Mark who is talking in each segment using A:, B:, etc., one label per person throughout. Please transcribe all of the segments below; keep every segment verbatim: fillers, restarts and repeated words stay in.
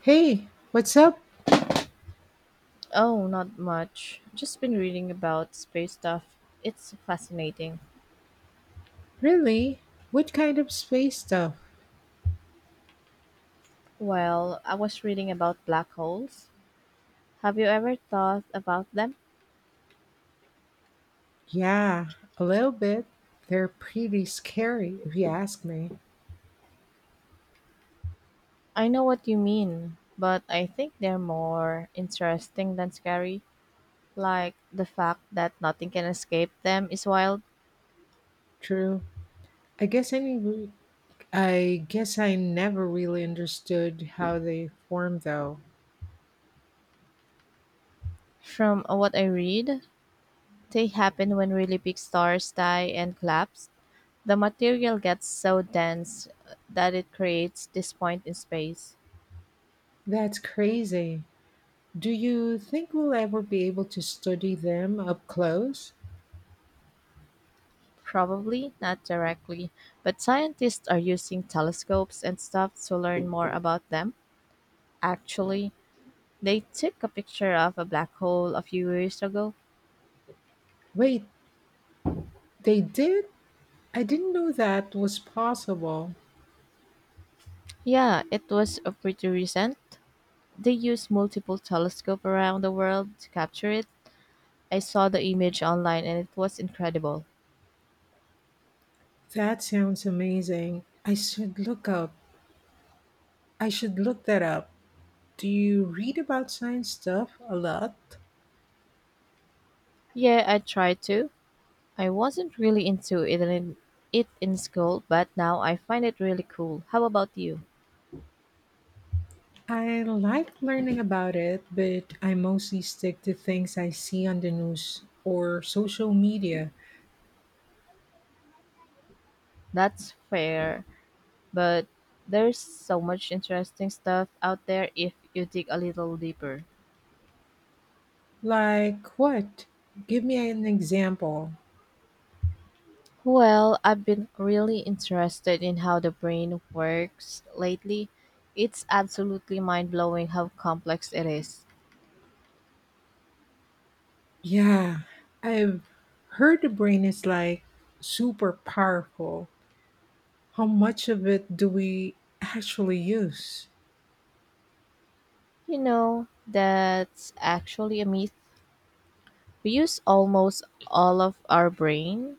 A: Hey, what's up?
B: Oh, not much. Just been reading about space stuff. It's fascinating.
A: Really? What kind of space stuff?
B: Well, I was reading about black holes. Have you ever thought about them?
A: Yeah, a little bit. They're pretty scary, if you ask me.
B: I know what you mean, but I think they're more interesting than scary. Like the fact that nothing can escape them is wild.
A: True. I guess I, nev- I guess I never really understood how they form, though.
B: From what I read, they happen when really big stars die and collapse. The material gets so dense that it creates this point in space.
A: That's crazy. Do you think we'll ever be able to study them up close?
B: Probably not directly, but scientists are using telescopes and stuff to learn more about them. Actually, they took a picture of a black hole a few years ago.
A: Wait, they did? I didn't know that was possible.
B: Yeah, it was uh, pretty recent. They used multiple telescopes around the world to capture it. I saw the image online and it was incredible.
A: That sounds amazing. I should look up. I should look that up. Do you read about science stuff a lot?
B: Yeah, I tried to. I wasn't really into it in, it in school, but now I find it really cool. How about you?
A: I like learning about it, but I mostly stick to things I see on the news or social media.
B: That's fair. But there's so much interesting stuff out there if you dig a little deeper.
A: Like what? Give me an example.
B: Well, I've been really interested in how the brain works lately. It's absolutely mind blowing how complex it is.
A: Yeah, I've heard the brain is like super powerful. How much of it do we actually use?
B: You know, that's actually a myth. We use almost all of our brain.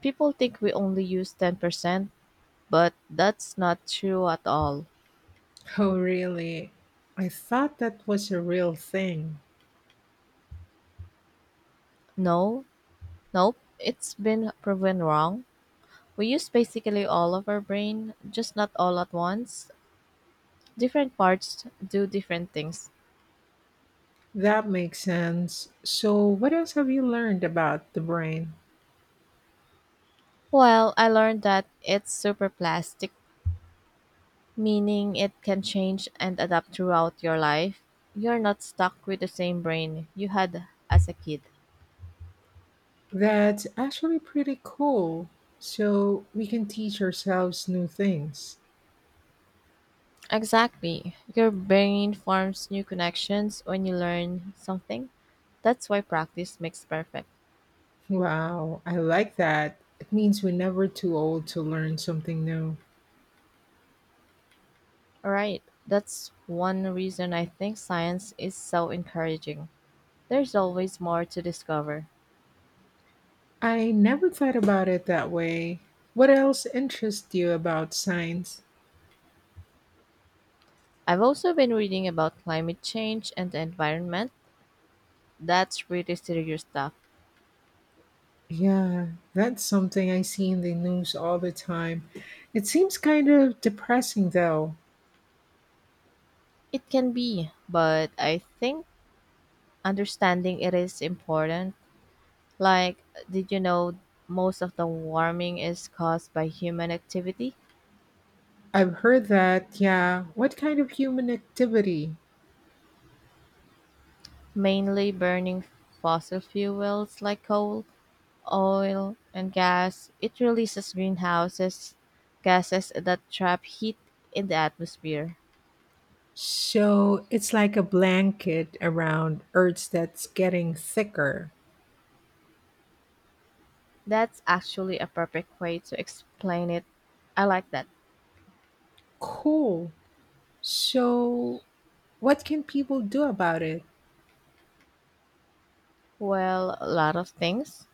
B: People think we only use ten percent, but that's not true at all.
A: Oh, really? I thought that was a real thing.
B: No, nope, it's been proven wrong. We use basically all of our brain, just not all at once. Different parts do different things.
A: That makes sense. So, what else have you learned about the brain?
B: Well, I learned that it's super plastic, meaning it can change and adapt throughout your life. You're not stuck with the same brain you had as a kid.
A: That's actually pretty cool. So, we can teach ourselves new things.
B: Exactly. Your brain forms new connections when you learn something. That's why practice makes perfect.
A: Wow, I like that. It means we're never too old to learn something new.
B: Right. That's one reason I think science is so encouraging. There's always more to discover.
A: I never thought about it that way. What else interests you about science?
B: I've also been reading about climate change and the environment. That's really serious stuff.
A: Yeah, that's something I see in the news all the time. It seems kind of depressing though.
B: It can be, but I think understanding it is important. Like, did you know most of the warming is caused by human activity?
A: I've heard that, yeah. What kind of human activity?
B: Mainly burning fossil fuels like coal, oil, and gas. It releases greenhouses gases that trap heat in the atmosphere.
A: So it's like a blanket around Earth that's getting thicker.
B: That's actually a perfect way to explain it. I like that.
A: Cool. So, what can people do about it?
B: Well, a lot of things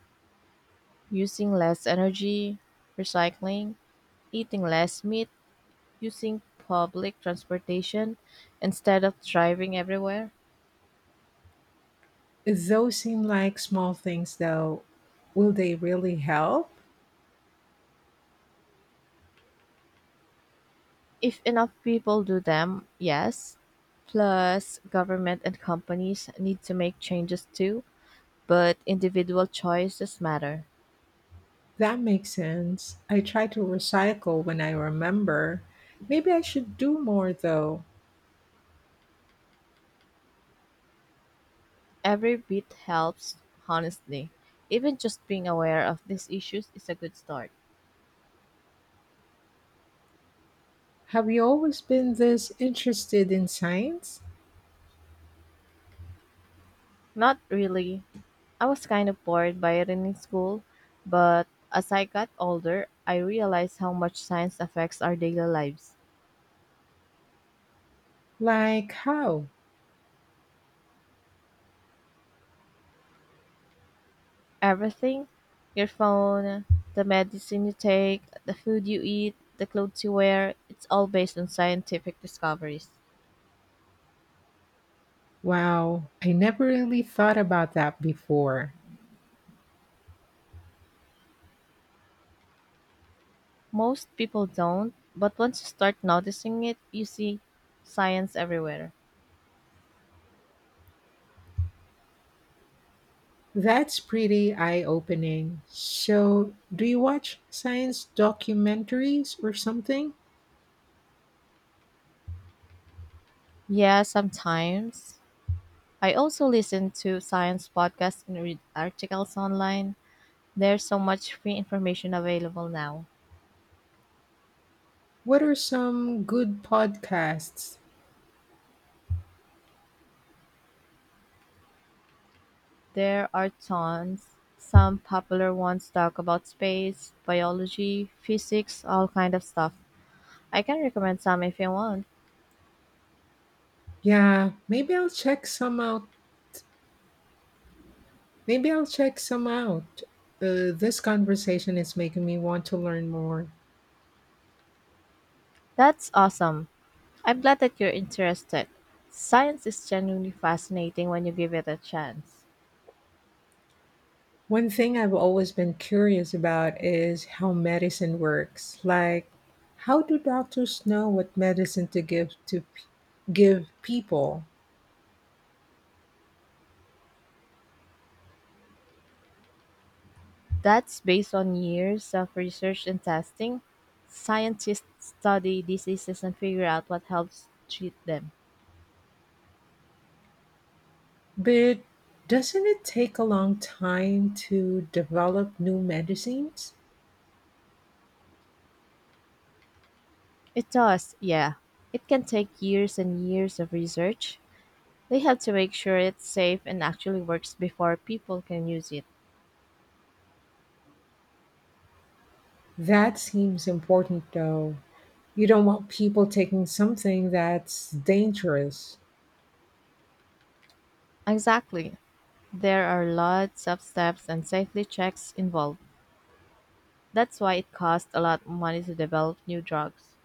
B: using less energy, recycling, eating less meat, using public transportation instead of driving everywhere.
A: Those seem like small things, though. Will they really help?
B: If enough people do them, yes. Plus, government and companies need to make changes too, but individual choices matter.
A: That makes sense. I try to recycle when I remember. Maybe I should do more, though.
B: Every bit helps, honestly. Even just being aware of these issues is a good start.
A: Have you always been this interested in science?
B: Not really. I was kind of bored by it in school, but as I got older, I realized how much science affects our daily lives.
A: Like, how?
B: Everything your phone, the medicine you take, the food you eat, the clothes you wear it's all based on scientific discoveries.
A: Wow, I never really thought about that before.
B: Most people don't, but once you start noticing it, you see science everywhere.
A: That's pretty eye opening. So, do you watch science documentaries or something?
B: Yeah, sometimes. I also listen to science podcasts and read articles online. There's so much free information available now.
A: What are some good podcasts?
B: There are tons. Some popular ones talk about space, biology, physics, all kind of stuff. I can recommend some if you want.
A: Yeah, maybe I'll check some out. Maybe I'll check some out. Uh, this conversation is making me want to learn more.
B: That's awesome. I'm glad that you're interested. Science is genuinely fascinating when you give it a chance.
A: One thing I've always been curious about is how medicine works. Like, how do doctors know what medicine to give to p- give people?
B: That's based on years of research and testing. Scientists study diseases and figure out what helps treat them.
A: But doesn't it take a long time to develop new medicines?
B: It does, yeah. It can take years and years of research. They have to make sure it's safe and actually works before people can use it.
A: That seems important though. You don't want people taking something that's dangerous.
B: Exactly. There are lots of steps and safety checks involved. That's why it costs a lot of money to develop new drugs.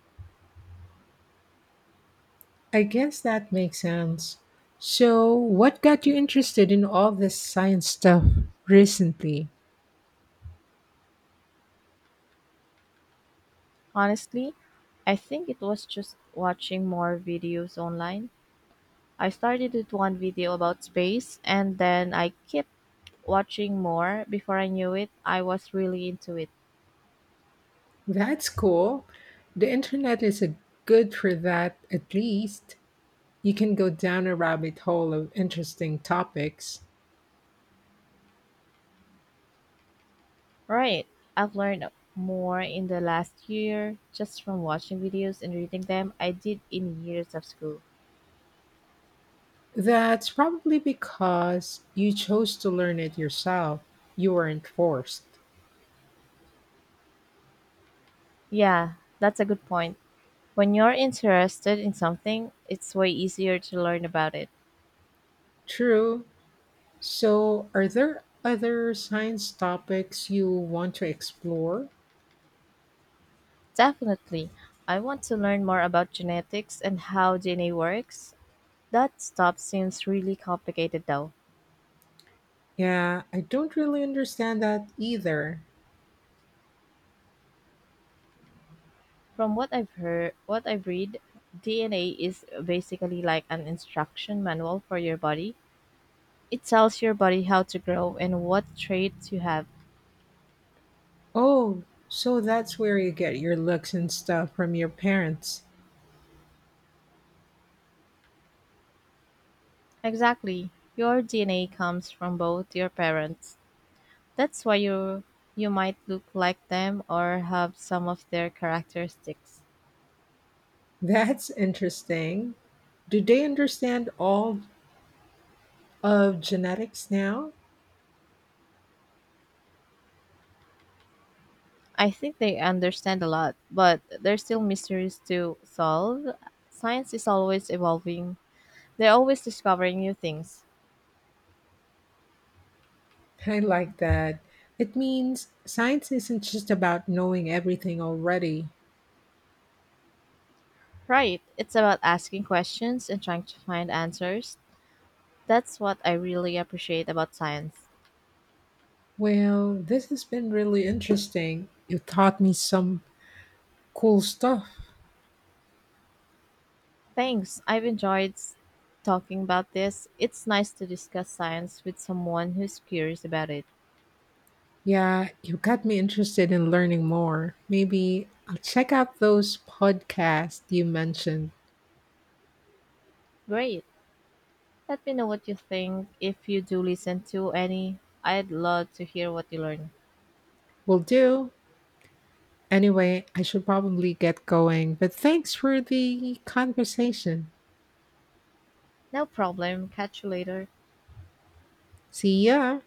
A: I guess that makes sense. So, what got you interested in all this science stuff recently?
B: Honestly, I think it was just watching more videos online. I started with one video about space and then I kept watching more. Before I knew it, I was really into it.
A: That's cool. The internet is a good for that at least. You can go down a rabbit hole of interesting topics.
B: Right. I've learned more in the last year just from watching videos and reading them I did in years of school.
A: That's probably because you chose to learn it yourself. You weren't forced.
B: Yeah, that's a good point. When you're interested in something, it's way easier to learn about it.
A: True. So, are there other science topics you want to explore?
B: Definitely. I want to learn more about genetics and how D N A works. That stuff seems really complicated though.
A: Yeah, I don't really understand that either.
B: From what I've heard, what I've read, D N A is basically like an instruction manual for your body. It tells your body how to grow and what traits you have.
A: Oh, so that's where you get your looks and stuff from your parents.
B: Exactly. Your D N A comes from both your parents. That's why you you might look like them or have some of their characteristics.
A: That's interesting. Do they understand all of genetics now?
B: I think they understand a lot, but there's still mysteries to solve. Science is always evolving. They're always discovering new things.
A: I like that. It means science isn't just about knowing everything already.
B: Right. It's about asking questions and trying to find answers. That's what I really appreciate about science.
A: Well, this has been really interesting. You taught me some cool stuff.
B: Thanks. I've enjoyed s- talking about this. It's nice to discuss science with someone who's curious about it.
A: Yeah, you got me interested in learning more. Maybe I'll check out those podcasts you mentioned.
B: Great. Let me know what you think if you do listen to any. I'd love to hear what you learn.
A: Will do. Anyway, I should probably get going, but thanks for the conversation.
B: No problem. Catch you later.
A: See ya.